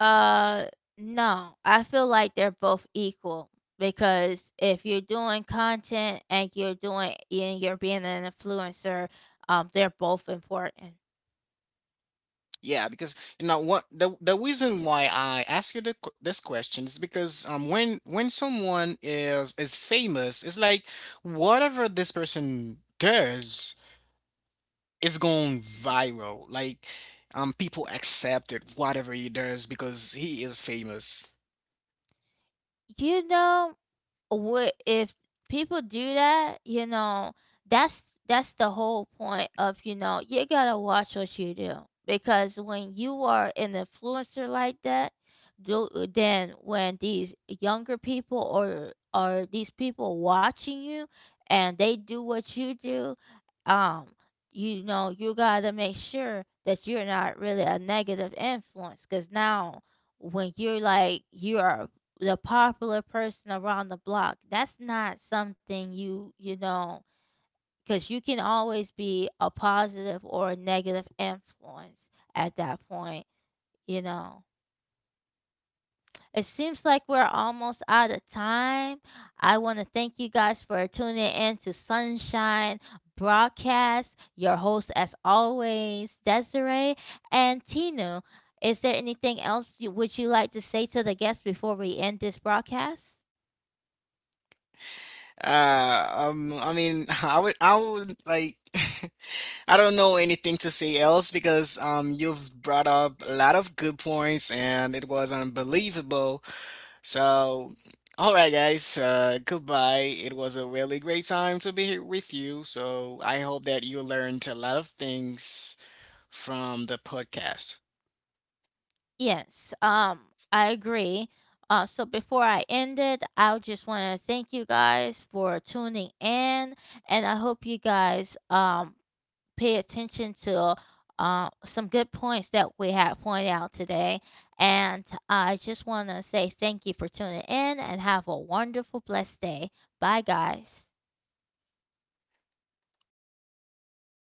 [SPEAKER 1] Uh, no. I feel like they're both equal, because if you're doing content and you're doing and you're being an influencer, um, they're both important.
[SPEAKER 2] Yeah, because you know what the the reason why I ask you the, q- this question is because um when when someone is is famous, it's like whatever this person does, it's going viral. Like, um, people accept it, whatever he does, because he is famous.
[SPEAKER 1] You know, what if people do that, you know, that's that's the whole point of, you know, you gotta watch what you do, because when you are an influencer like that do, uh, then when these younger people or or these people watching you and they do what you do, um, you know, you gotta make sure that you're not really a negative influence. Cause now, when you're like you are the popular person around the block, that's not something you, you know. Cause you can always be a positive or a negative influence at that point, you know. It seems like we're almost out of time. I want to thank you guys for tuning in to Sunshine Broadcast. Your host, as always, Desiree and Tinu. Is there anything else you, would you like to say to the guests before we end this broadcast?
[SPEAKER 2] Uh, um, I mean, *laughs* I would, I would like, *laughs* I don't know anything to say else because um, you've brought up a lot of good points, and it was unbelievable. So, all right, guys, uh, goodbye. It was a really great time to be here with you. So, I hope that you learned a lot of things from the podcast.
[SPEAKER 1] Yes, um, I agree. Uh, so before I end it, I just want to thank you guys for tuning in, and I hope you guys um pay attention to uh, some good points that we have pointed out today. And I just want to say thank you for tuning in and have a wonderful, blessed day. Bye, guys.
[SPEAKER 2] All right.